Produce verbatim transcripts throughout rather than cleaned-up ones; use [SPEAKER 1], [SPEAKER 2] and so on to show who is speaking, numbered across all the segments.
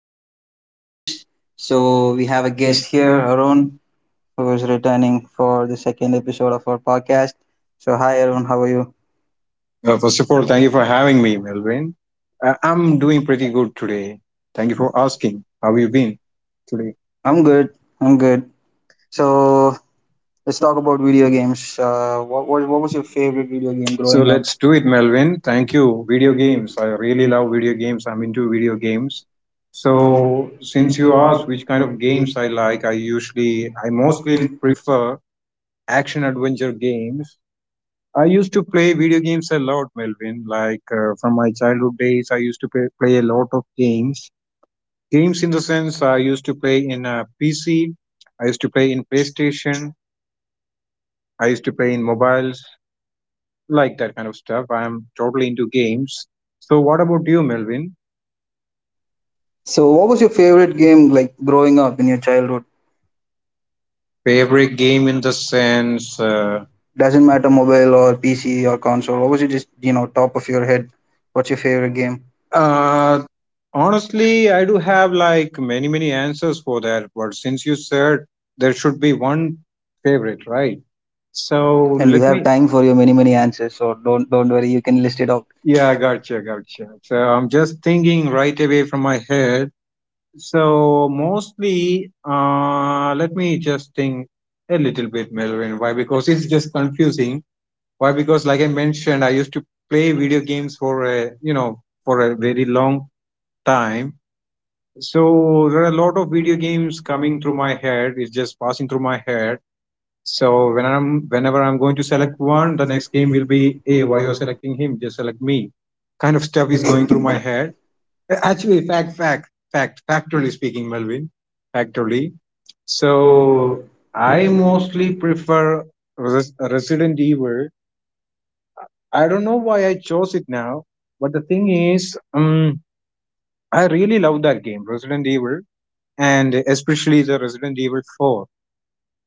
[SPEAKER 1] about video games. So we have a guest here, Arun, who is returning for the second episode of our podcast. So hi, Arun. How are you?
[SPEAKER 2] Uh, first of all, thank you for having me, Melvin. Uh, I'm doing pretty good today. Thank you for asking. How you been today?
[SPEAKER 1] I'm good. I'm good. So let's talk about video games. Uh, what, what what was your favorite video game
[SPEAKER 2] So
[SPEAKER 1] growing up?
[SPEAKER 2] let's do it, Melvin. Thank you. Video games. I really love video games. I'm into video games. So since you asked which kind of games I like, I usually, I mostly prefer action adventure games. I used to play video games a lot, Melvin. Like uh, from my childhood days, I used to play, play a lot of games. Games in the sense I used to play in a P C, I used to play in PlayStation, I used to play in mobiles, like that kind of stuff. I am totally into games. So, what about you, Melvin?
[SPEAKER 1] So what was your favorite game like growing up in your childhood?
[SPEAKER 2] Favorite game in the sense? Uh,
[SPEAKER 1] Doesn't matter mobile or P C or console. Obviously, just you know, top of your head, what's your favorite game?
[SPEAKER 2] uh, Honestly, I do have like many, many answers for that. But since you said there should be one favorite, right? So,
[SPEAKER 1] And we
[SPEAKER 2] let
[SPEAKER 1] have
[SPEAKER 2] me.
[SPEAKER 1] time for your many many answers, so don't don't worry. You can list it out.
[SPEAKER 2] Yeah, gotcha, gotcha. So I'm just thinking right away from my head. So mostly, uh, let me just think a little bit, Melvin. Why? Because it's just confusing. Why? Because, like I mentioned, I used to play video games for a you know for a very long time. So there are a lot of video games coming through my head. It's just passing through my head. So when I'm whenever I'm going to select one, the next game will be, hey, why you're selecting him? Just select me. Kind of stuff is going through my head. Actually, fact, fact, fact, factually speaking, Melvin, factually. So I mostly prefer Res- Resident Evil. I don't know why I chose it now, but the thing is, um, I really love that game, Resident Evil, and especially the Resident Evil four,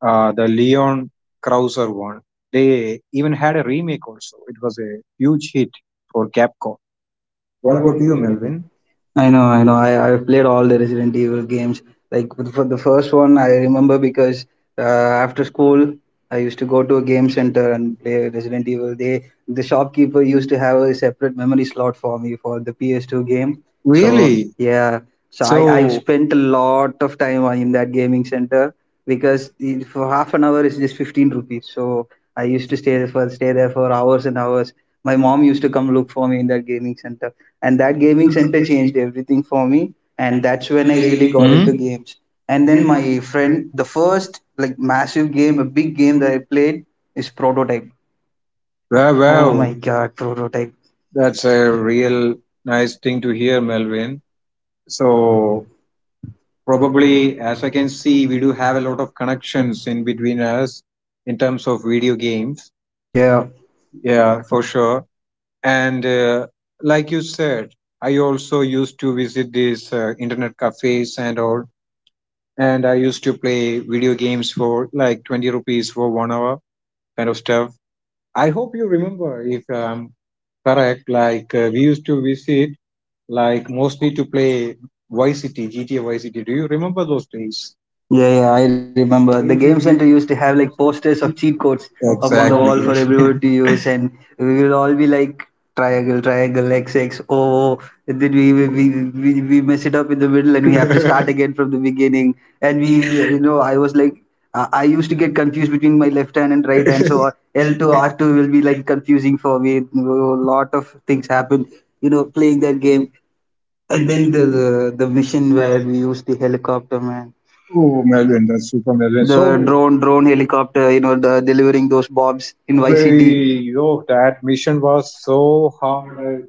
[SPEAKER 2] uh, the Leon Krauser one. They even had a remake also. It was a huge hit for Capcom. What about you, Melvin?
[SPEAKER 1] I know, I know. I I've played all the Resident Evil games. Like for the first one, I remember because uh, after school, I used to go to a game center and play Resident Evil. They the shopkeeper used to have a separate memory slot for me for the P S two game. So really?
[SPEAKER 2] Really?
[SPEAKER 1] Yeah, so I I've
[SPEAKER 2] So.
[SPEAKER 1] spent a lot of time in that gaming center because the- for half an hour is just fifteen rupees. So I used to stay there for stay there for hours and hours. My mom used to come look for me in that gaming center, and that gaming center changed everything for me, and that's when I really got
[SPEAKER 2] Hmm?
[SPEAKER 1] into games. And then my friend, the first, like, massive game, a big game that I played is Prototype.
[SPEAKER 2] Wow,
[SPEAKER 1] Oh my
[SPEAKER 2] wow.
[SPEAKER 1] God, Prototype.
[SPEAKER 2] That's a real nice thing to hear, Melvin. So, probably, as I can see, we do have a lot of connections in between us in terms of video games.
[SPEAKER 1] Yeah.
[SPEAKER 2] Yeah, for sure. And uh, like you said, I also used to visit these uh, internet cafes and all. And I used to play video games for like twenty rupees for one hour kind of stuff. I hope you remember if I'm correct. Like uh, we used to visit, like mostly to play Vice City, G T A Vice City. Do you remember those days?
[SPEAKER 1] Yeah, yeah, I remember. The game center used to have like posters of cheat codes up on the
[SPEAKER 2] Exactly.
[SPEAKER 1] wall for everyone to use, and we will all be like triangle, triangle, X, X, O, O. And then we, we we we we mess it up in the middle, and we have to start again from the beginning. And we, you know, I was like, I, I used to get confused between my left hand and right hand, so uh, L two R two will be like confusing for me. A lot of things happen, you know, playing that game. And then the the, the mission where we used the helicopter, man.
[SPEAKER 2] Oh, Melvin, that's super Melvin.
[SPEAKER 1] The
[SPEAKER 2] So,
[SPEAKER 1] drone drone helicopter, you know the, delivering those bombs in yct.
[SPEAKER 2] we, yo, that mission was so hard.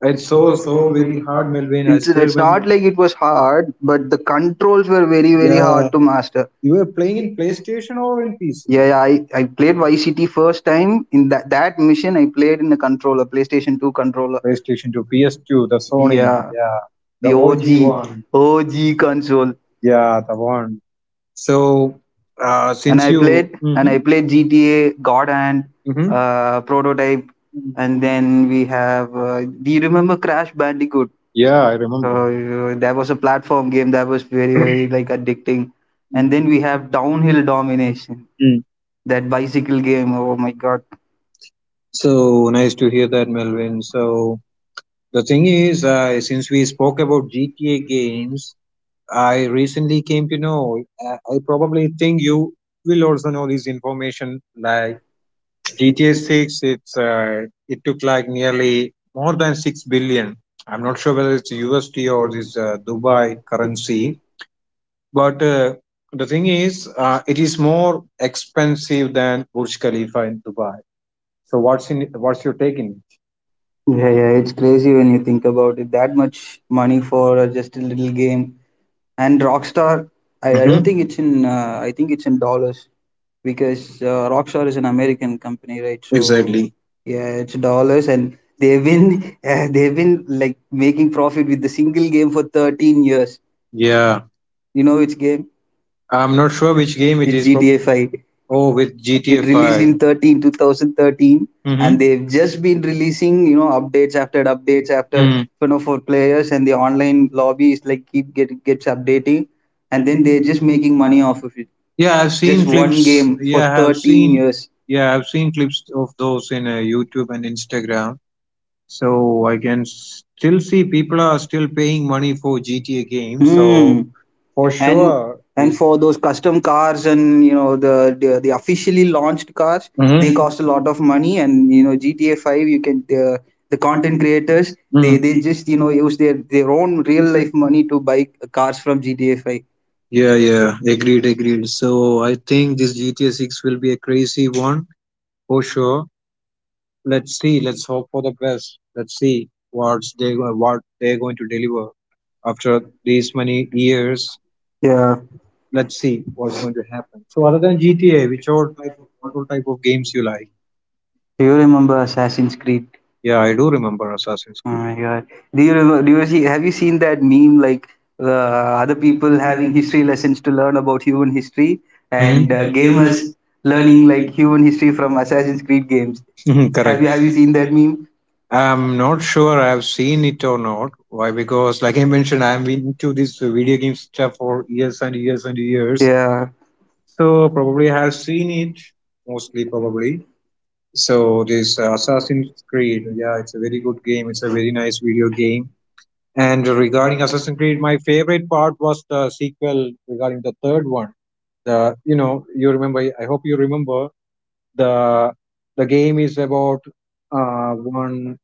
[SPEAKER 2] It's so so very hard, Melvin. I
[SPEAKER 1] it's,
[SPEAKER 2] still
[SPEAKER 1] it's
[SPEAKER 2] remember.
[SPEAKER 1] not like it was hard, but the controls were very very
[SPEAKER 2] Yeah,
[SPEAKER 1] hard to master.
[SPEAKER 2] you were playing in PlayStation or in P C?
[SPEAKER 1] Yeah, yeah, I, I played yct first time in that, that mission. I played in a controller, PlayStation two controller.
[SPEAKER 2] PlayStation two, P S two, the Sony.
[SPEAKER 1] Yeah,
[SPEAKER 2] Yeah, the
[SPEAKER 1] the og
[SPEAKER 2] O G one.
[SPEAKER 1] og console.
[SPEAKER 2] Yeah, the one. So, uh,
[SPEAKER 1] and
[SPEAKER 2] since
[SPEAKER 1] I
[SPEAKER 2] you,
[SPEAKER 1] played and
[SPEAKER 2] Mhm,
[SPEAKER 1] I played G T A, God Hand,
[SPEAKER 2] mhm.
[SPEAKER 1] uh, Prototype, and then we have. Uh, do you remember Crash Bandicoot?
[SPEAKER 2] Yeah, I
[SPEAKER 1] So,
[SPEAKER 2] remember.
[SPEAKER 1] Uh, that was a platform game that was very very like addicting, and then we have Downhill Domination, that bicycle game. Oh my God.
[SPEAKER 2] So nice to hear that, Melvin. So the thing is, I since we spoke about G T A games, I recently came to know. I, I probably think you will also know this information. Like G T A Six, it's uh, it took like nearly more than six billion. I'm not sure whether it's U S D or this uh, Dubai currency. But uh, The thing is, uh, it is more expensive than Burj Khalifa in Dubai. So what's in what's your take in it?
[SPEAKER 1] Yeah, yeah, it's crazy when you think about it. That much money for uh, just a little game. And Rockstar, I, I
[SPEAKER 2] Hmm.
[SPEAKER 1] don't think it's in. Uh, I think it's in dollars because uh, Rockstar is an American company, right? So
[SPEAKER 2] Exactly.
[SPEAKER 1] yeah, it's dollars, and they've been uh, they've been like making profit with the single game for thirteen years.
[SPEAKER 2] Yeah,
[SPEAKER 1] You know which game?
[SPEAKER 2] I'm not sure which game it
[SPEAKER 1] It's
[SPEAKER 2] is. Prob-
[SPEAKER 1] G T A five.
[SPEAKER 2] oh, with G T A
[SPEAKER 1] It released
[SPEAKER 2] Five.
[SPEAKER 1] in thirteen two thousand thirteen, and
[SPEAKER 2] Mm-hmm.
[SPEAKER 1] they've just been releasing you know updates after updates after
[SPEAKER 2] Mm.
[SPEAKER 1] you know for players, and the online lobby is like keep get gets updating, and then they're just making money off of it.
[SPEAKER 2] Yeah, I've
[SPEAKER 1] Just
[SPEAKER 2] seen
[SPEAKER 1] one
[SPEAKER 2] clips.
[SPEAKER 1] game for
[SPEAKER 2] Yeah, I've
[SPEAKER 1] thirteen
[SPEAKER 2] seen.
[SPEAKER 1] years.
[SPEAKER 2] Yeah, I've seen clips of those in uh, YouTube and Instagram. So I can still see people are still paying money for G T A games.
[SPEAKER 1] Hmm.
[SPEAKER 2] So for
[SPEAKER 1] And
[SPEAKER 2] sure.
[SPEAKER 1] and
[SPEAKER 2] This.
[SPEAKER 1] for those custom cars and you know the, the the officially launched cars, they cost a lot
[SPEAKER 2] Hmm.
[SPEAKER 1] of money. And you know G T A five, you can the the content creators.
[SPEAKER 2] hmm
[SPEAKER 1] They they just you know
[SPEAKER 2] they
[SPEAKER 1] use their their own real life money to buy cars from G T A five.
[SPEAKER 2] Yeah, yeah, agreed, agreed. So I think this G T A six will be a crazy one for sure. Let's see, let's hope for the best. Let's see what's they go- what they're going to deliver after these many years.
[SPEAKER 1] Yeah,
[SPEAKER 2] Let's see what's going to happen. So other than G T A, which all type of what all type of games you like?
[SPEAKER 1] do you remember Assassin's Creed?
[SPEAKER 2] Yeah, I do remember Assassin's
[SPEAKER 1] Oh
[SPEAKER 2] Creed.
[SPEAKER 1] my God. Do you remember, do you see, have you seen that meme, like uh, other people having history lessons to learn about human history, and
[SPEAKER 2] Mhm.
[SPEAKER 1] uh, gamers learning like human history from Assassin's Creed games?
[SPEAKER 2] Mhm,
[SPEAKER 1] Have
[SPEAKER 2] correct.
[SPEAKER 1] you have you seen that meme?
[SPEAKER 2] I'm not sure I've seen it or not. Why? Because, like I mentioned, I'm into this video game stuff for years and years and years.
[SPEAKER 1] Yeah,
[SPEAKER 2] So probably I have seen it mostly, probably. So this uh, Assassin's Creed, yeah, it's a very good game. It's a very nice video game. And regarding Assassin's Creed, my favorite part was the sequel regarding the third one. The you know You remember. I hope you remember the the game is about uh, one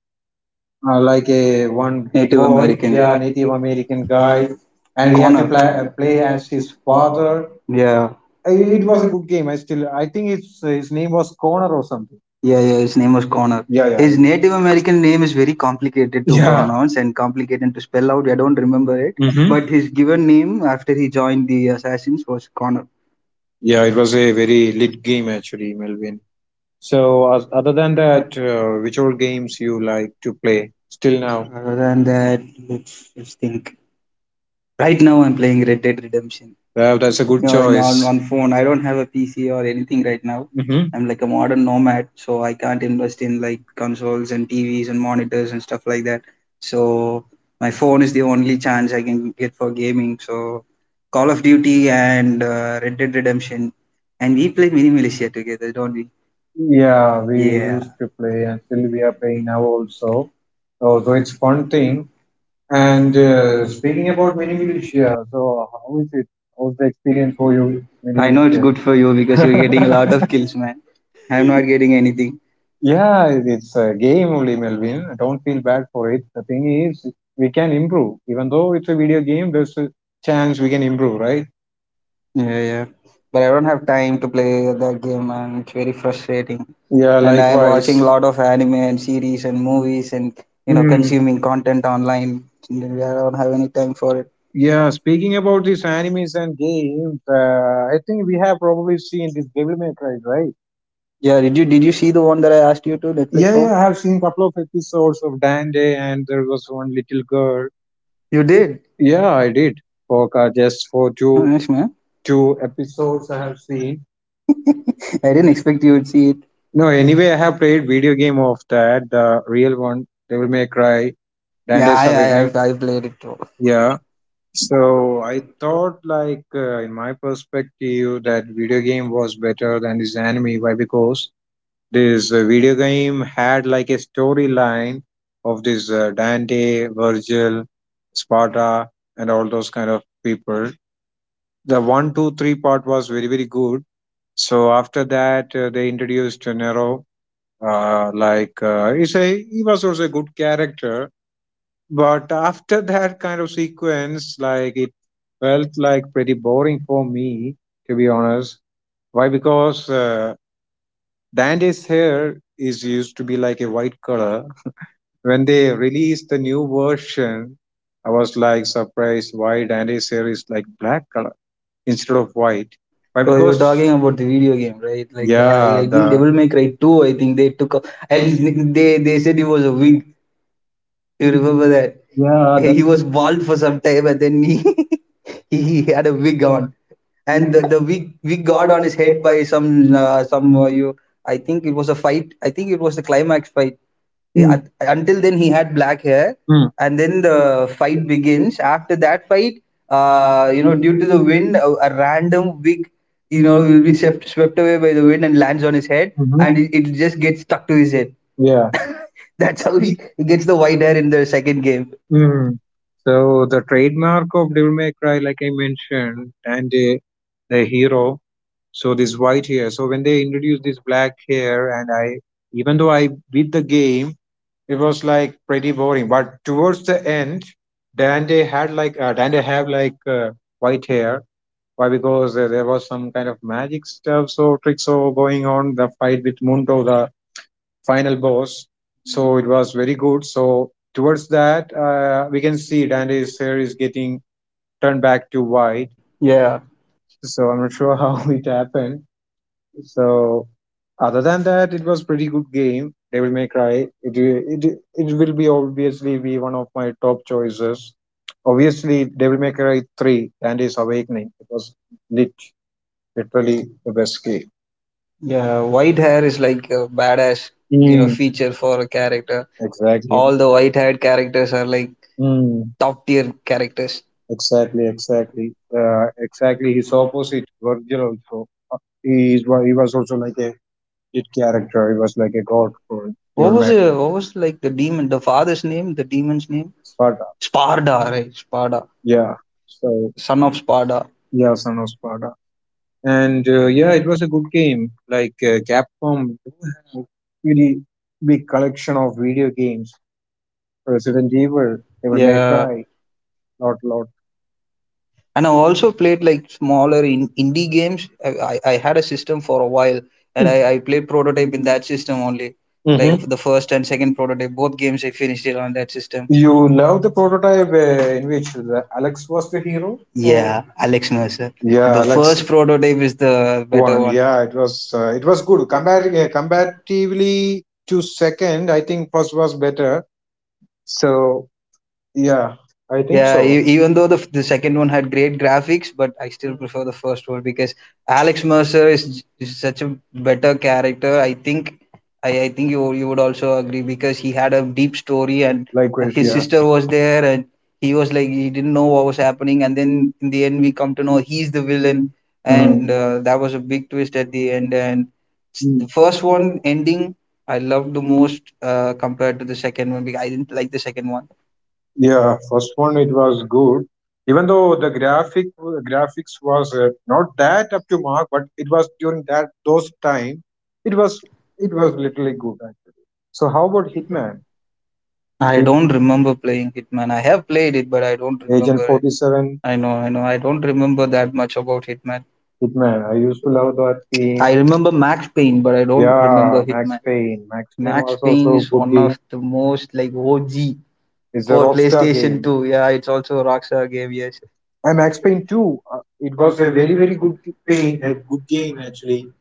[SPEAKER 2] uh, like a one
[SPEAKER 1] Native
[SPEAKER 2] boy,
[SPEAKER 1] American.
[SPEAKER 2] yeah, Native American guy, and we have to
[SPEAKER 1] Connor.
[SPEAKER 2] play, uh, play as his father.
[SPEAKER 1] Yeah.
[SPEAKER 2] I- it was a good game. I still, I think his his name was Connor or something.
[SPEAKER 1] Yeah, yeah, his name was Connor. Yeah,
[SPEAKER 2] yeah
[SPEAKER 1] yeah.
[SPEAKER 2] yeah
[SPEAKER 1] His
[SPEAKER 2] His
[SPEAKER 1] Native
[SPEAKER 2] Native American
[SPEAKER 1] American name is
[SPEAKER 2] name
[SPEAKER 1] very
[SPEAKER 2] is-
[SPEAKER 1] complicated to, yeah,
[SPEAKER 2] yeah.
[SPEAKER 1] pronounce, and complicated to spell out. I don't remember it.
[SPEAKER 2] Mhm. But
[SPEAKER 1] But his
[SPEAKER 2] his
[SPEAKER 1] given
[SPEAKER 2] given
[SPEAKER 1] name
[SPEAKER 2] name-
[SPEAKER 1] after he joined the Assassins was Connor.
[SPEAKER 2] yeah, it was a very lit game actually, Melvin. So, as, other than that, uh, which all games you like to play still now?
[SPEAKER 1] Other than that, let's just think. Right now, I'm playing Red Dead Redemption.
[SPEAKER 2] Well, that's a good
[SPEAKER 1] know, in, on, Yes.
[SPEAKER 2] choice.
[SPEAKER 1] On phone. I don't have a P C or anything right now.
[SPEAKER 2] Hmm.
[SPEAKER 1] I'm like a modern nomad, so I can't invest in like consoles and T Vs and monitors and stuff like that. So my phone is the only chance I can get for gaming. So Call of Duty and uh, Red Dead Redemption, and we play Mini Militia together, don't we?
[SPEAKER 2] Yeah, we
[SPEAKER 1] Yeah,
[SPEAKER 2] used to play and still we are playing now also. So, so it's fun thing. And uh, speaking about mini militia, so how is it? How's the experience for you with mini
[SPEAKER 1] I know it's good for you because you're getting a
[SPEAKER 2] militia?
[SPEAKER 1] lot of kills, man. I'm not getting anything.
[SPEAKER 2] Yeah, It- it's a game only, Melvin. Don't feel bad for it. The thing is, we can improve. Even though it's a video game, there's a chance we can improve, right?
[SPEAKER 1] Yeah, yeah. But I don't have time to play the game, and it's very frustrating.
[SPEAKER 2] Yeah,
[SPEAKER 1] And I'm sure.
[SPEAKER 2] likewise.
[SPEAKER 1] Watching a lot of anime and series and movies, and you know
[SPEAKER 2] Mm.
[SPEAKER 1] consuming content online. I don't have any time for it.
[SPEAKER 2] Yeah, speaking about these animes and games, uh, I think we have probably seen this Devil May Cry, right?
[SPEAKER 1] Yeah, did you did you see the one that I asked you to, Netflix
[SPEAKER 2] Yeah,
[SPEAKER 1] one?
[SPEAKER 2] yeah,
[SPEAKER 1] Yeah,
[SPEAKER 2] I
[SPEAKER 1] I
[SPEAKER 2] have
[SPEAKER 1] have
[SPEAKER 2] seen a
[SPEAKER 1] seen.
[SPEAKER 2] couple of episodes of Dande, and there was one little girl.
[SPEAKER 1] You did?
[SPEAKER 2] Yeah, I did. For uh, just for
[SPEAKER 1] Yeah.
[SPEAKER 2] two
[SPEAKER 1] Nice, man.
[SPEAKER 2] two episodes, I have seen.
[SPEAKER 1] I didn't expect you would see it.
[SPEAKER 2] No, anyway, I have played video game of that, the real one, Devil May Cry,
[SPEAKER 1] Yeah,
[SPEAKER 2] Dante's Yeah.
[SPEAKER 1] I I
[SPEAKER 2] Awakening.
[SPEAKER 1] I've, I played it too.
[SPEAKER 2] Yeah. So I thought, like, uh, in my perspective, that video game was better than this anime. Why? Because this uh, video game had like a storyline of this uh, Dante, Virgil, Sparta, and all those kind of people. The one, two, three part was very, very good. So after that, uh, they introduced uh, Nero. Uh, like uh, he's a, he was also a good character, but after that kind of sequence, like it felt like pretty boring for me, to be honest. Why? Because uh, Dante's hair is used to be like a white color. When they released the new version, I was like surprised why Dandy series like black color instead of white. Why?
[SPEAKER 1] So you're
[SPEAKER 2] Because
[SPEAKER 1] talking about the video game, right? Like the I,
[SPEAKER 2] yeah,
[SPEAKER 1] I think Devil May Cry
[SPEAKER 2] the
[SPEAKER 1] two, I think they took a, and they they said it was a wig. You remember that?
[SPEAKER 2] yeah, that
[SPEAKER 1] He was bald for some time, and then he he he had a wig on, and the, the wig wig got on his head by some uh, some uh, you I think it was a fight. I think it was the climax fight. He-
[SPEAKER 2] mm,
[SPEAKER 1] un- until then he had black hair,
[SPEAKER 2] mhm,
[SPEAKER 1] and then the fight begins. After that fight, uh, you know, due to the wind, a, a random wig, you know will be swept, swept away by the wind and lands on his head, and it, it just gets stuck to his head.
[SPEAKER 2] yeah.
[SPEAKER 1] That's how he, he gets the white hair in the second game.
[SPEAKER 2] Mm. So the trademark of Devil May Cry, like I mentioned, and uh, the hero. So this white hair. So when they introduced this black hair, and I even though I beat the game, it was like pretty boring. But towards the end, dante had like uh, Dante have like uh, white hair. Why? Because uh, there was some kind of magic stuff so tricks so going on the fight with Mundo, the final boss. So it was very good. So towards that, uh, we can see Dante's hair is getting turned back to white. So I'm not sure how it happened. So other than that, it was pretty good game, Devil May Cry. It it it will be obviously be one of my top choices. Obviously, Devil May Cry Three and his Awakening. It was lit, literally the best game.
[SPEAKER 1] Yeah, white hair is like a badass, you know,
[SPEAKER 2] Mm,
[SPEAKER 1] feature for a character.
[SPEAKER 2] exactly.
[SPEAKER 1] All the white-haired characters are like
[SPEAKER 2] Mm,
[SPEAKER 1] top tier characters.
[SPEAKER 2] exactly. Exactly. Uh, exactly. His opposite, Virgil also. uh, He is wa- he was also like a lit character. He was like a god for
[SPEAKER 1] What
[SPEAKER 2] Devil
[SPEAKER 1] was
[SPEAKER 2] May Cry.
[SPEAKER 1] it? What was like the demon? The father's name? The demon's name?
[SPEAKER 2] Sparta.
[SPEAKER 1] Sparda, right? Sparda,
[SPEAKER 2] Yeah. So
[SPEAKER 1] son of Sparda.
[SPEAKER 2] yeah, son of Sparta. and uh, yeah, it was a good game. Like uh, Capcom do have really big collection of video games. Resident Evil, Devil May
[SPEAKER 1] Yeah,
[SPEAKER 2] Cry, lot lot.
[SPEAKER 1] and I've also played like smaller in indie games. I, I I had a system for a while, and I I played Prototype in that system only. Like
[SPEAKER 2] Hmm.
[SPEAKER 1] the first and second Prototype, both games I finished it on that system.
[SPEAKER 2] You love the prototype uh, in which the Alex was the hero, or
[SPEAKER 1] Yeah, Alex Mercer.
[SPEAKER 2] yeah,
[SPEAKER 1] The first
[SPEAKER 2] Alex
[SPEAKER 1] Prototype is the better
[SPEAKER 2] won.
[SPEAKER 1] one.
[SPEAKER 2] Yeah, it was uh, it was good. Combat uh, comparatively to second, I think first was better. So yeah, I think
[SPEAKER 1] Yeah,
[SPEAKER 2] so.
[SPEAKER 1] e- even though the, f- the second one had great graphics, but I still prefer the first one because Alex Mercer is, is such a better character. I think I, I think you you would also agree because he had a deep story, and
[SPEAKER 2] Likewise,
[SPEAKER 1] his
[SPEAKER 2] yeah.
[SPEAKER 1] sister was there, and he was like he didn't know what was happening, and then in the end we come to know he's the villain,
[SPEAKER 2] Mhm.
[SPEAKER 1] and uh, that was a big twist at the end. And s- the first one ending I loved the most, uh, compared to the second one, because I didn't like the second one.
[SPEAKER 2] Yeah, first one it was good. Even though the graphic graphics was uh, not that up to mark, but it was during that those time, it was it was literally good actually. So how about Hitman?
[SPEAKER 1] I
[SPEAKER 2] Hit,
[SPEAKER 1] don't remember playing Hitman. I have played it, but I don't
[SPEAKER 2] Agent
[SPEAKER 1] remember
[SPEAKER 2] Forty
[SPEAKER 1] it.
[SPEAKER 2] Seven,
[SPEAKER 1] I know, I know. I don't remember that much about Hitman.
[SPEAKER 2] Hitman. I used to love that game.
[SPEAKER 1] I remember Max Payne, but I don't
[SPEAKER 2] Yeah,
[SPEAKER 1] remember
[SPEAKER 2] Max
[SPEAKER 1] Hitman.
[SPEAKER 2] Payne. Max Payne
[SPEAKER 1] Max
[SPEAKER 2] was
[SPEAKER 1] Payne
[SPEAKER 2] also a
[SPEAKER 1] is
[SPEAKER 2] good
[SPEAKER 1] one
[SPEAKER 2] game.
[SPEAKER 1] of the most like O G
[SPEAKER 2] It's a
[SPEAKER 1] for
[SPEAKER 2] Rockstar
[SPEAKER 1] PlayStation
[SPEAKER 2] game.
[SPEAKER 1] two. Yeah, it's also a Rockstar game. Yes.
[SPEAKER 2] And Max Payne Two, uh, it was a very very good g- pay, a good game actually.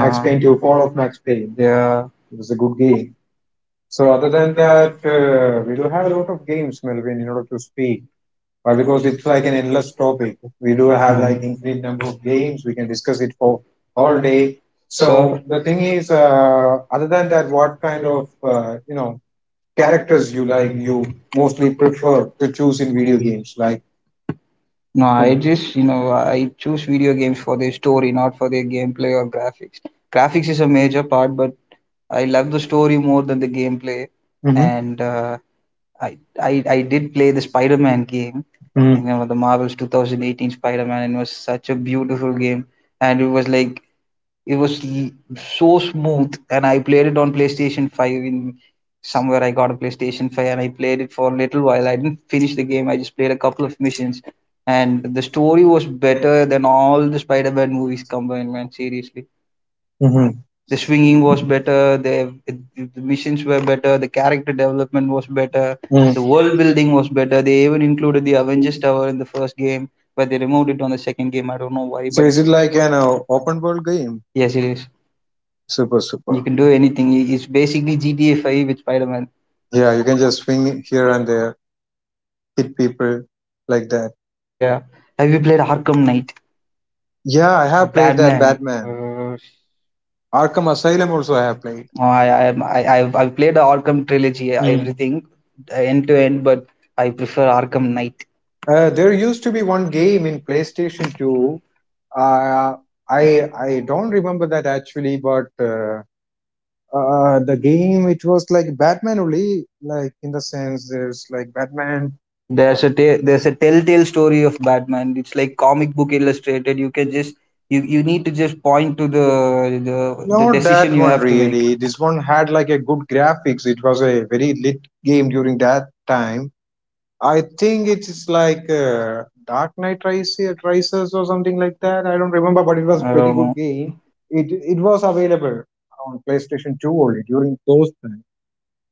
[SPEAKER 2] Max Payne Two, Fall of Max Payne.
[SPEAKER 1] Yeah.
[SPEAKER 2] It was a good game. So other than that, uh, we do have a lot of games, Melvin, in order to speak. Why? Because it's like an endless topic. We do have like
[SPEAKER 1] Mm.
[SPEAKER 2] infinite number of games. We can discuss it for all day. So
[SPEAKER 1] So.
[SPEAKER 2] the thing is, uh, other than that, what kind of uh, you know characters you like? You mostly prefer to choose in video games, like
[SPEAKER 1] No,
[SPEAKER 2] you
[SPEAKER 1] I
[SPEAKER 2] know.
[SPEAKER 1] just, you know, I choose video games for their story, not for their gameplay or graphics. Graphics is a major part, but I love the story more than the gameplay.
[SPEAKER 2] hmm
[SPEAKER 1] And uh, I, I, I did play the Spider-Man game, you
[SPEAKER 2] hmm
[SPEAKER 1] know, the Marvel's two thousand eighteen Spider-Man, and it was such a beautiful game. And it was like it was l- so smooth, and I played it on PlayStation five. In somewhere, I got a PlayStation five, and I played it for a little while. I didn't finish the game. I just played a couple of missions, and the story was better than all the Spider-Man movies combined. Man, seriously,
[SPEAKER 2] hmm
[SPEAKER 1] the swinging was better. The the missions were better. The character development was better. The
[SPEAKER 2] hmm
[SPEAKER 1] world building was better. They even included the Avengers Tower in the first game, but they removed it on the second game. I don't know why,
[SPEAKER 2] So
[SPEAKER 1] but
[SPEAKER 2] is it like an uh, open world game?
[SPEAKER 1] yes, it is.
[SPEAKER 2] Super, super.
[SPEAKER 1] You can do anything. It's basically G T A five with Spider Man.
[SPEAKER 2] Yeah, you can just swing here and there, hit people like that.
[SPEAKER 1] Yeah. Have you played Arkham Knight?
[SPEAKER 2] Yeah, I have played that
[SPEAKER 1] Batman.
[SPEAKER 2] Batman.
[SPEAKER 1] Uh,
[SPEAKER 2] Arkham Asylum also I have played.
[SPEAKER 1] Oh, I I I- I've I've played the Arkham trilogy, uh, everything uh, end to end, but I prefer Arkham Knight.
[SPEAKER 2] Uh, there used to be one game in PlayStation two. Uh, I I don't remember that actually, but uh, uh, the game, it was like Batman only, like in the sense there's like Batman.
[SPEAKER 1] There's a ta- there's a telltale story of Batman. It's like comic book illustrated. You can just you, you need to just point to the the, the
[SPEAKER 2] Not
[SPEAKER 1] decision
[SPEAKER 2] that
[SPEAKER 1] you
[SPEAKER 2] one
[SPEAKER 1] have to make.
[SPEAKER 2] really. This one had like a good graphics. It was a very lit game during that time. I think it is like uh, Dark Knight Rises, Rises or something like that. I don't remember,
[SPEAKER 1] I
[SPEAKER 2] but it was pretty
[SPEAKER 1] don't
[SPEAKER 2] good
[SPEAKER 1] know.
[SPEAKER 2] game. It it was available on PlayStation Two only during those times.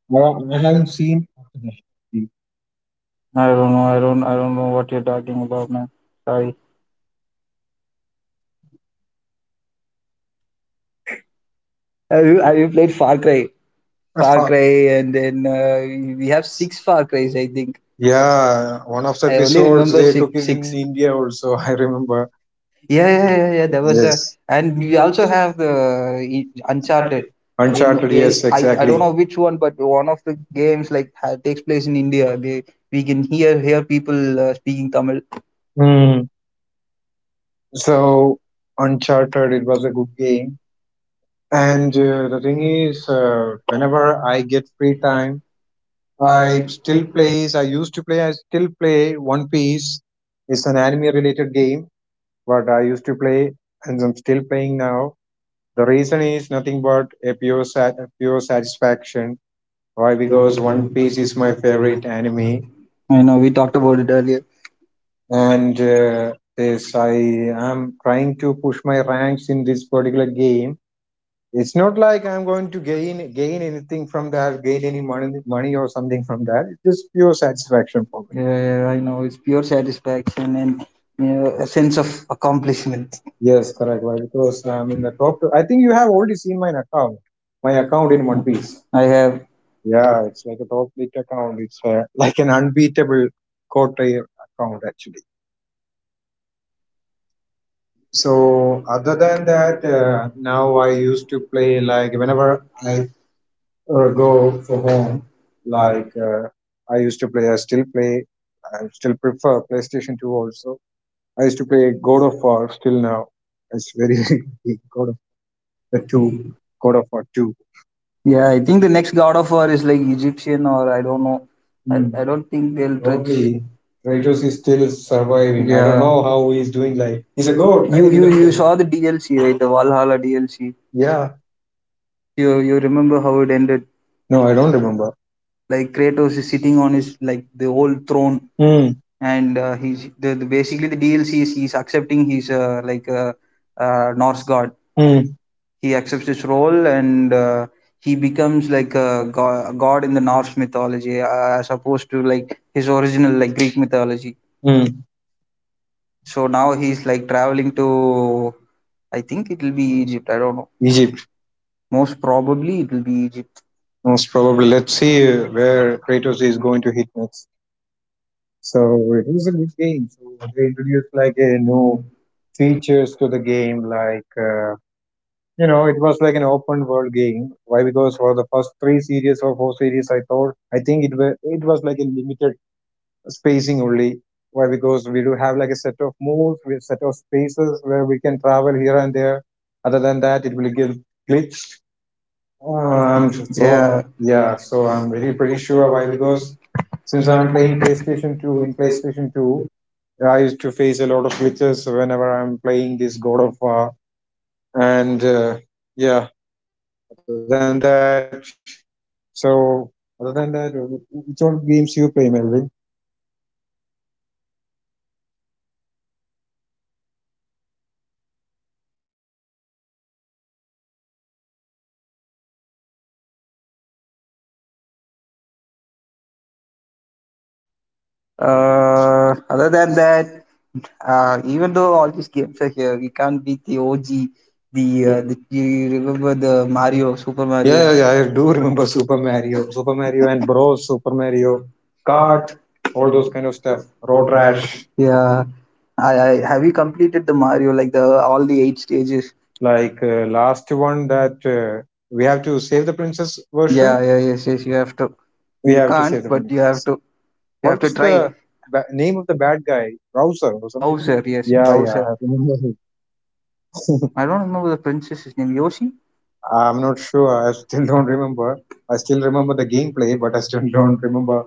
[SPEAKER 2] Well, I haven't seen after that.
[SPEAKER 1] I don't know. I don't I don't know what you're talking about, man. Sorry. Have you, have you played Far Cry?
[SPEAKER 2] Uh,
[SPEAKER 1] Far
[SPEAKER 2] fa-
[SPEAKER 1] Cry, and then uh, we have six Far Crys, I think.
[SPEAKER 2] Yeah, one of the
[SPEAKER 1] I only
[SPEAKER 2] episodes
[SPEAKER 1] remember
[SPEAKER 2] they took
[SPEAKER 1] six.
[SPEAKER 2] it in
[SPEAKER 1] Six.
[SPEAKER 2] India also. I remember.
[SPEAKER 1] Yeah, yeah, yeah, yeah. There was a,
[SPEAKER 2] Yes,
[SPEAKER 1] and we also have the uh, Uncharted. In
[SPEAKER 2] Uncharted. Yes,
[SPEAKER 1] I, I
[SPEAKER 2] exactly.
[SPEAKER 1] don't know which one, but one of the games like ha- takes place in India. They, we can hear hear people uh, speaking Tamil.
[SPEAKER 2] Hmm. So Uncharted, it was a good game. And uh, the thing is, uh, whenever I get free time, I still plays. I used to play. I still play One Piece. It's an anime-related game, but I used to play, and I'm still playing now. The reason is nothing but a pure, sat- a pure satisfaction. Why? Because One Piece is my favorite anime,
[SPEAKER 1] I know we talked about it earlier.
[SPEAKER 2] and uh, yes, I am trying to push my ranks in this particular game. It's not like I'm going to gain gain anything from that, gain any money money or something from that. It's just pure satisfaction for me.
[SPEAKER 1] Yeah, yeah, I know it's pure satisfaction and you know, a sense of accomplishment.
[SPEAKER 2] Yes, correct. Why? Because I'm in the top. I think you have already seen my account, my account in One Piece.
[SPEAKER 1] I have.
[SPEAKER 2] Yeah, it's like a top league account. It's uh, like an unbeatable quarter account actually. So other than that, uh, now I used to play like whenever I uh, go for home. Like uh, I used to play, I still play, I still prefer PlayStation two also. I used to play God of War still now. It's very big, God of the two, God of War two.
[SPEAKER 1] Yeah, I think the next God of War is like Egyptian, or I don't know. I,
[SPEAKER 2] Hmm.
[SPEAKER 1] I don't think they'll touch.
[SPEAKER 2] Probably Kratos is still surviving. I don't
[SPEAKER 1] Yeah.
[SPEAKER 2] know how he's doing. Like he's a
[SPEAKER 1] You
[SPEAKER 2] god, right? In
[SPEAKER 1] you
[SPEAKER 2] a
[SPEAKER 1] you
[SPEAKER 2] place.
[SPEAKER 1] saw the D L C, right? The Valhalla D L C.
[SPEAKER 2] Yeah.
[SPEAKER 1] You you remember how it ended?
[SPEAKER 2] No, I don't remember.
[SPEAKER 1] Like Kratos is sitting on his like the old throne,
[SPEAKER 2] Hmm.
[SPEAKER 1] and uh, he's the, the basically the D L C is he's accepting he's uh, like a uh, uh, Norse god.
[SPEAKER 2] Hmm.
[SPEAKER 1] He accepts this role and uh, he becomes like a go- god in the Norse mythology, uh, as opposed to like his original like Greek mythology.
[SPEAKER 2] Hmm.
[SPEAKER 1] So now he's like traveling to, I think it will be Egypt. I don't know.
[SPEAKER 2] Egypt
[SPEAKER 1] Most probably it will be Egypt.
[SPEAKER 2] most probably. Let's see uh, where Kratos is going to hit next. So it was a good game. So they introduced like a new features to the game, like uh, you know, it was like an open world game. Why? Because for the first three series or four series, I thought I think it was it was like a limited spacing only. Why? Because we do have like a set of moves, we set of spaces where we can travel here and there. Other than that, it will give glitch. Um, so
[SPEAKER 1] Yeah.
[SPEAKER 2] yeah, so I'm very pretty sure why because since I'm playing PlayStation two, in PlayStation two I used to face a lot of glitches whenever I'm playing this God of War, and uh, yeah. Other than that, so other than that, which all games you play, Melvin?
[SPEAKER 1] Uh, other than that, uh, even though all these games are here, we can't beat the O G. The, uh, the you remember the Mario, Super
[SPEAKER 2] Yeah, yeah,
[SPEAKER 1] Mario.
[SPEAKER 2] yeah. I do remember Super Mario, Super Mario and Bros, Super Mario, Kart, all those kind of stuff. Road
[SPEAKER 1] Yeah,
[SPEAKER 2] Rash,
[SPEAKER 1] yeah. I, I have you completed the Mario like the all the eight stages?
[SPEAKER 2] like uh, last one that uh, we have to save the princess
[SPEAKER 1] Yeah,
[SPEAKER 2] version.
[SPEAKER 1] yeah, yes, yes. You have to.
[SPEAKER 2] We
[SPEAKER 1] You
[SPEAKER 2] have to save
[SPEAKER 1] can't,
[SPEAKER 2] the
[SPEAKER 1] but you have
[SPEAKER 2] princess.
[SPEAKER 1] to. You
[SPEAKER 2] What
[SPEAKER 1] have to
[SPEAKER 2] was the
[SPEAKER 1] try
[SPEAKER 2] ba- name of the bad guy? Browser or something?
[SPEAKER 1] Bowser. Yes,
[SPEAKER 2] Yeah, yeah,
[SPEAKER 1] Bowser.
[SPEAKER 2] I remember.
[SPEAKER 1] I don't remember the princess's name. Yoshi.
[SPEAKER 2] I'm not sure. I still don't remember. I still remember the gameplay, but I still don't remember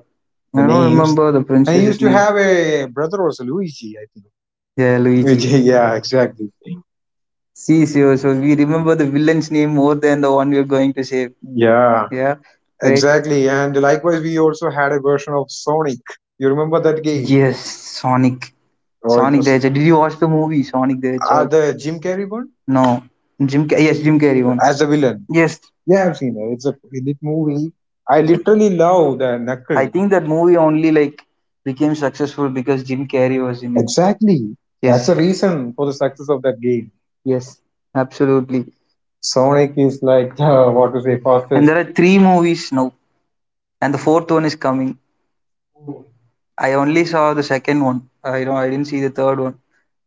[SPEAKER 2] the
[SPEAKER 1] I don't
[SPEAKER 2] names.
[SPEAKER 1] remember the
[SPEAKER 2] And he used
[SPEAKER 1] princess's
[SPEAKER 2] to
[SPEAKER 1] name.
[SPEAKER 2] have a brother also, Luigi, I think.
[SPEAKER 1] Yeah, Luigi.
[SPEAKER 2] Luigi, yeah, exactly.
[SPEAKER 1] See, so, so we remember the villain's name more than the one we're going to save.
[SPEAKER 2] Yeah,
[SPEAKER 1] Yeah, right?
[SPEAKER 2] exactly. And likewise, we also had a version of Sonic. You remember that game?
[SPEAKER 1] Yes, Sonic.
[SPEAKER 2] Oh, it
[SPEAKER 1] Sonic the
[SPEAKER 2] was
[SPEAKER 1] Hedgehog. Did you watch the movie Sonic the
[SPEAKER 2] uh,
[SPEAKER 1] Hedgehog?
[SPEAKER 2] the Jim Carrey one
[SPEAKER 1] No. Jim. Car- Yes, Jim Carrey one.
[SPEAKER 2] as a villain.
[SPEAKER 1] Yes,
[SPEAKER 2] Yeah, I've seen it. It's a lit movie. I literally love the
[SPEAKER 1] I
[SPEAKER 2] knuckle.
[SPEAKER 1] think that movie only like became successful because Jim Carrey was in it.
[SPEAKER 2] Exactly.
[SPEAKER 1] Yes.
[SPEAKER 2] That's the reason for the success of that game.
[SPEAKER 1] Yes, absolutely.
[SPEAKER 2] Sonic is like uh, what to say,
[SPEAKER 1] And
[SPEAKER 2] fastest.
[SPEAKER 1] there are three movies now, and the fourth one is coming. I only saw the second one. I don't. I didn't see the third one.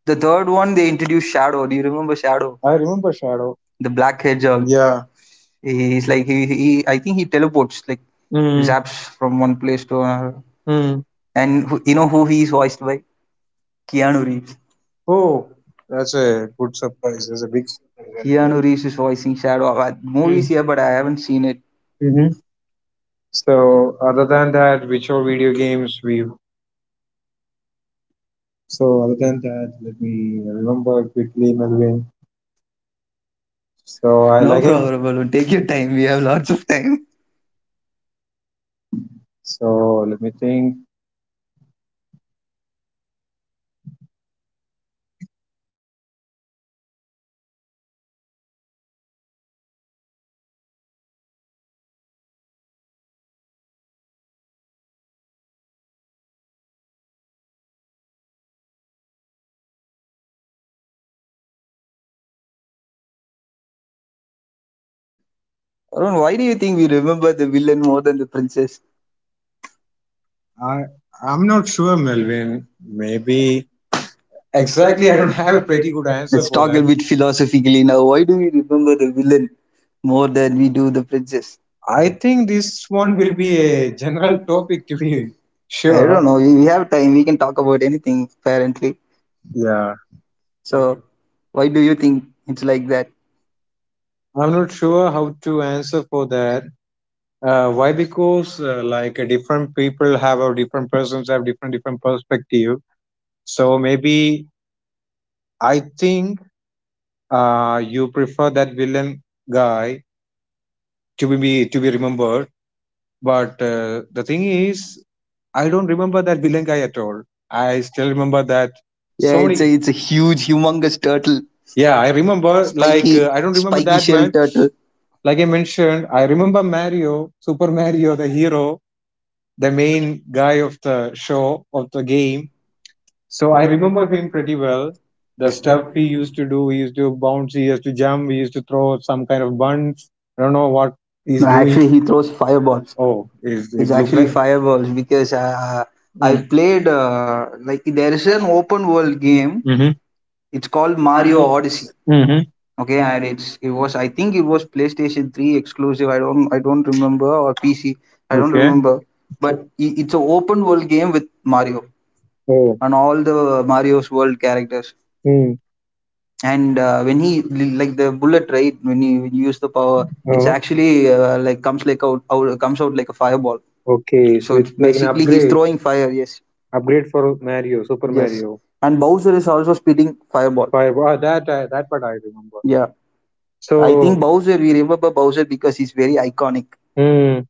[SPEAKER 1] The third one they introduced Shadow. Do you remember Shadow,
[SPEAKER 2] I remember Shadow.
[SPEAKER 1] the black hedgehog?
[SPEAKER 2] Yeah.
[SPEAKER 1] He- He's like he, he. I think he teleports like mm,
[SPEAKER 2] Mm,
[SPEAKER 1] zaps from one place to another.
[SPEAKER 2] mm.
[SPEAKER 1] And who, you know who he is voiced by? Keanu Reeves.
[SPEAKER 2] Oh, that's a good surprise. That's a big surprise, actually.
[SPEAKER 1] Keanu Reeves is voicing Shadow. Uh, Movies here, but I haven't seen it.
[SPEAKER 2] Mm-hmm. So other than that, which are video games we? So other than that, let me remember quickly, Melvin. So
[SPEAKER 1] Oh, I...
[SPEAKER 2] I
[SPEAKER 1] No
[SPEAKER 2] like
[SPEAKER 1] problem, Balloon.
[SPEAKER 2] him.
[SPEAKER 1] Take your time. We have lots of time.
[SPEAKER 2] So let me think.
[SPEAKER 1] Arun, why do you think we remember the villain more than the princess?
[SPEAKER 2] I I'm not sure, Melvin. Maybe exactly. I don't have a pretty good answer
[SPEAKER 1] Let's answer
[SPEAKER 2] for
[SPEAKER 1] talk a
[SPEAKER 2] that.
[SPEAKER 1] bit philosophically now. Why do we remember the villain more than we do the princess?
[SPEAKER 2] I think this one will be a general topic to be
[SPEAKER 1] I
[SPEAKER 2] sure.
[SPEAKER 1] don't know. We we have time. We can talk about anything apparently.
[SPEAKER 2] Yeah,
[SPEAKER 1] So mhm, why do you think it's like that?
[SPEAKER 2] I'm not sure how to answer for that. Uh, why? Because uh, like uh, different people have or different persons have different different perspective. So maybe I think uh, you prefer that villain guy to be be- to be remembered. But uh, the thing is, I don't remember that villain guy at all. I still remember that
[SPEAKER 1] Yeah, so it's
[SPEAKER 2] Sony.
[SPEAKER 1] a it's a huge, humongous turtle,
[SPEAKER 2] Yeah, I remember. Like
[SPEAKER 1] spiky,
[SPEAKER 2] uh, I don't remember
[SPEAKER 1] spiky
[SPEAKER 2] that
[SPEAKER 1] shell
[SPEAKER 2] much.
[SPEAKER 1] turtle.
[SPEAKER 2] Like I mentioned, I remember Mario, Super Mario, the hero, the main guy of the show, of the game. So I remember him pretty well. The stuff he used to do, he used to bounce, he used to jump, he used to throw some kind of buns. I don't know what
[SPEAKER 1] No,
[SPEAKER 2] he's
[SPEAKER 1] but
[SPEAKER 2] doing.
[SPEAKER 1] actually mhm, he throws fireballs.
[SPEAKER 2] Oh, it, it
[SPEAKER 1] It's
[SPEAKER 2] looks
[SPEAKER 1] actually exactly
[SPEAKER 2] like.
[SPEAKER 1] fireballs, because uh, I
[SPEAKER 2] Mm.
[SPEAKER 1] played uh, like there is an open world game.
[SPEAKER 2] Mm-hmm.
[SPEAKER 1] It's called Mario Odyssey.
[SPEAKER 2] Mm-hmm.
[SPEAKER 1] Okay, and it's it was I think it was PlayStation three exclusive. I don't I don't remember, or P C. I don't
[SPEAKER 2] Okay.
[SPEAKER 1] remember. But i- it's an open world game with Mario
[SPEAKER 2] Oh.
[SPEAKER 1] and all the Mario's world characters.
[SPEAKER 2] Mm.
[SPEAKER 1] And uh, when he like the bullet right when you, when you use the power, it's
[SPEAKER 2] Oh.
[SPEAKER 1] actually uh, like comes like out, out comes out like a fireball.
[SPEAKER 2] Okay. So
[SPEAKER 1] So it's
[SPEAKER 2] it's like an
[SPEAKER 1] basically he's
[SPEAKER 2] upgrade.
[SPEAKER 1] throwing fire. Yes,
[SPEAKER 2] Upgrade for Mario, Super
[SPEAKER 1] yes.
[SPEAKER 2] Mario.
[SPEAKER 1] And Bowser is also spitting fireball.
[SPEAKER 2] Fire. Ah, that, I that part I remember.
[SPEAKER 1] Yeah, I
[SPEAKER 2] So,
[SPEAKER 1] think Bowser. We remember Bowser because he's very iconic.
[SPEAKER 2] mm,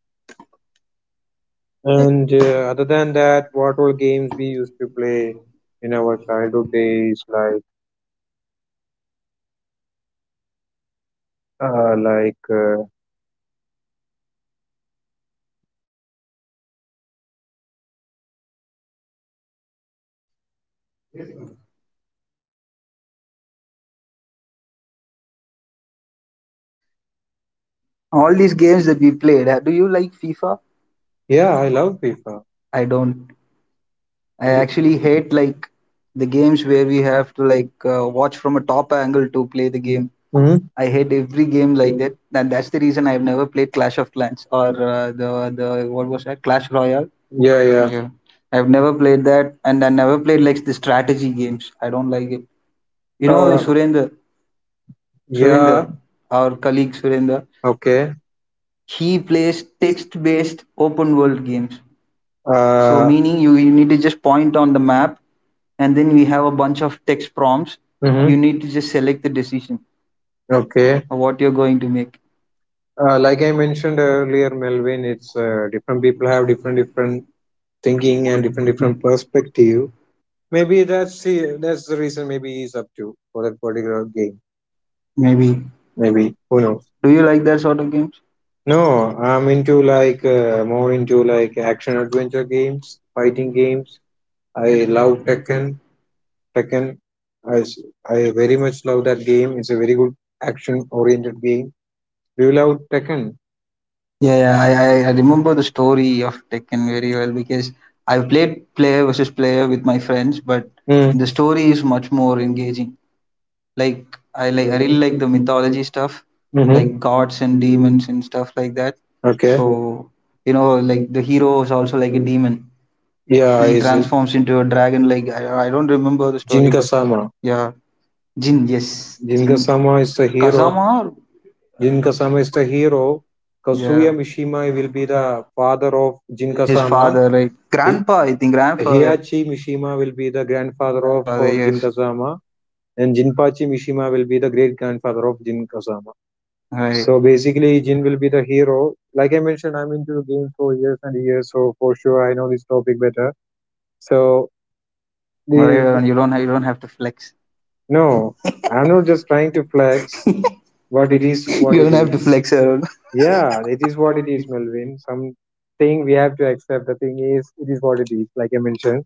[SPEAKER 2] and uh, other than that, what all games we used to play in our childhood days, like, uh, like, uh,
[SPEAKER 1] All these games that we played, uh, do you like FIFA?
[SPEAKER 2] yeah, I love FIFA.
[SPEAKER 1] I don't, I actually hate like the games where we have to like uh, watch from a top angle to play the game.
[SPEAKER 2] Hmm.
[SPEAKER 1] I hate every game like that, and that's the reason I've never played Clash of Clans, or uh, the the what was that, Clash Royale? Yeah,
[SPEAKER 2] Yeah, yeah.
[SPEAKER 1] yeah, I've never played that, and I never played like the strategy games. I don't like it. You know
[SPEAKER 2] Uh,
[SPEAKER 1] Surendra? surendra
[SPEAKER 2] yeah.
[SPEAKER 1] our colleague Surendra,
[SPEAKER 2] Okay.
[SPEAKER 1] he plays text based open world games. So
[SPEAKER 2] Uh,
[SPEAKER 1] meaning you, you need to just point on the map, and then we have a bunch of text prompts.
[SPEAKER 2] mhm.
[SPEAKER 1] You need to just select the decision
[SPEAKER 2] Okay.
[SPEAKER 1] of what you're going to make.
[SPEAKER 2] Uh, like I mentioned earlier, Melvin, it's uh, different people have different different thinking and different different perspective. Maybe that's the, that's the reason. Maybe he's up to for that particular game.
[SPEAKER 1] Maybe.
[SPEAKER 2] Maybe who knows.
[SPEAKER 1] Do you like that sort of games?
[SPEAKER 2] No, I'm into like uh, more into like action adventure games, fighting games. I love Tekken. Tekken, I, s- I very much love that game. It's a very good action oriented game. Do you love Tekken?
[SPEAKER 1] Yeah, yeah. I, I, I remember the story of Tekken very well, because I played player versus player with my friends, but
[SPEAKER 2] Mm.
[SPEAKER 1] the story is much more engaging. Like I like, I really like the mythology stuff, like gods and
[SPEAKER 2] Mm-hmm.
[SPEAKER 1] demons and stuff like that.
[SPEAKER 2] Okay.
[SPEAKER 1] So you know, like the hero is also like a demon.
[SPEAKER 2] Yeah,
[SPEAKER 1] He
[SPEAKER 2] is
[SPEAKER 1] transforms into a dragon. Like I, I don't remember the story,
[SPEAKER 2] Jin
[SPEAKER 1] but
[SPEAKER 2] Kasama.
[SPEAKER 1] yeah, Jin. Yes,
[SPEAKER 2] Jin
[SPEAKER 1] Jin.
[SPEAKER 2] Kasama is the hero.
[SPEAKER 1] Kazama.
[SPEAKER 2] Jin Kasama is the hero. Kazuya
[SPEAKER 1] Yeah,
[SPEAKER 2] Mishima will be the
[SPEAKER 1] yeah,
[SPEAKER 2] father of Jin
[SPEAKER 1] yeah. His
[SPEAKER 2] Kasama.
[SPEAKER 1] father, right?
[SPEAKER 2] Hi-
[SPEAKER 1] Grandpa, I think. Grandfather.
[SPEAKER 2] Mishima will be the grandfather of
[SPEAKER 1] Grandfather.
[SPEAKER 2] uh, Jin
[SPEAKER 1] Yes.
[SPEAKER 2] Kasama. And Jinpachi Mishima will be the great grandfather of Jin Kasama.
[SPEAKER 1] Right.
[SPEAKER 2] So
[SPEAKER 1] All
[SPEAKER 2] basically, Jin will be the hero. Like I mentioned, I'm into games for years and years, so for sure I know this topic better. So,
[SPEAKER 1] right,
[SPEAKER 2] this,
[SPEAKER 1] Arun, you don't have, you don't have to flex.
[SPEAKER 2] no, I'm not just trying to flex, but it is
[SPEAKER 1] You
[SPEAKER 2] what
[SPEAKER 1] don't
[SPEAKER 2] it
[SPEAKER 1] have to
[SPEAKER 2] is.
[SPEAKER 1] flex, Arun.
[SPEAKER 2] Yeah, it is what it is, Melvin. Something we have to accept. The thing is, it is what it is. Like I mentioned,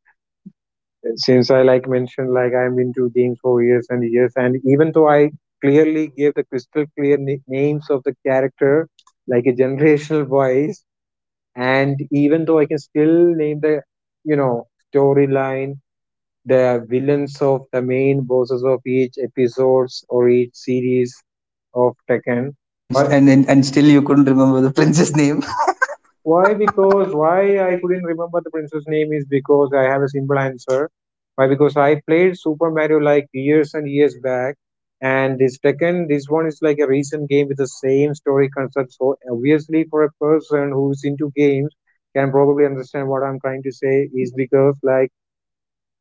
[SPEAKER 2] since I like mentioned, like I'm into games for years and years, and even though I clearly gave the crystal clear na- names of the character, like a generational voice, and even though I can still name the, you know, storyline, the villains of the main bosses of each episodes or each series of Tekken,
[SPEAKER 1] And
[SPEAKER 2] but
[SPEAKER 1] and and and still you couldn't remember the princess name.
[SPEAKER 2] why? Because why I couldn't remember the princess name is because I have a simple answer. Why? Because I played Super Mario like years and years back, and this second, this one is like a recent game with the same story concept. So obviously, for a person who's into games, can probably understand what I'm trying to say is because like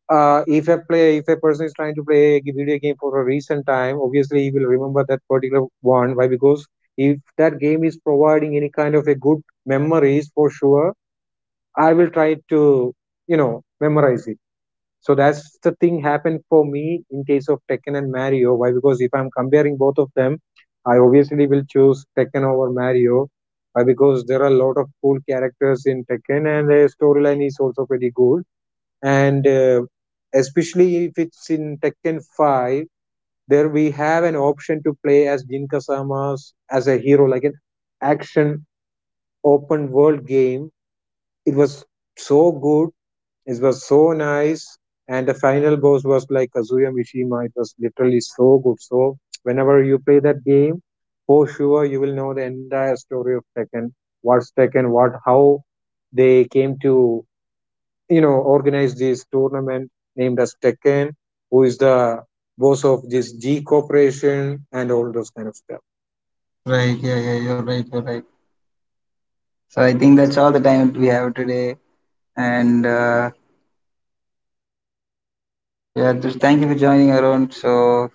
[SPEAKER 2] uh, if a play if a person is trying to play a video game for a recent time, obviously he will remember that particular one. Why? Because if that game is providing any kind of a good memories, for sure I will try to, you know, memorize it. So that's the thing happened for me in case of Tekken and Mario. Why? Because if I'm comparing both of them, I obviously will choose Tekken over Mario. Why? Because there are a lot of cool characters in Tekken and the storyline is also pretty good, and uh, especially if it's in Tekken five, there we have an option to play as Jin Kazama as a hero, like an action open world game. It was so good, it was so nice, and the final boss was like Kazuya Mishima. It was literally so good. So whenever you play that game, for sure you will know the entire story of Tekken. What's Tekken? What? How they came to, you know, organized this tournament named as Tekken, who is the boss of this G Corporation and all those kind of stuff.
[SPEAKER 1] Right. Yeah. Yeah. You're right. You're right. So I think that's all the time we have today. And uh, yeah, just thank you for joining, Arun. So,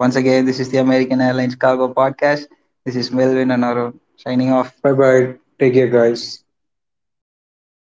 [SPEAKER 1] once again, this is the American Airlines Cargo Podcast. This is Melvin and Arun signing off.
[SPEAKER 2] Bye bye. Take care, guys.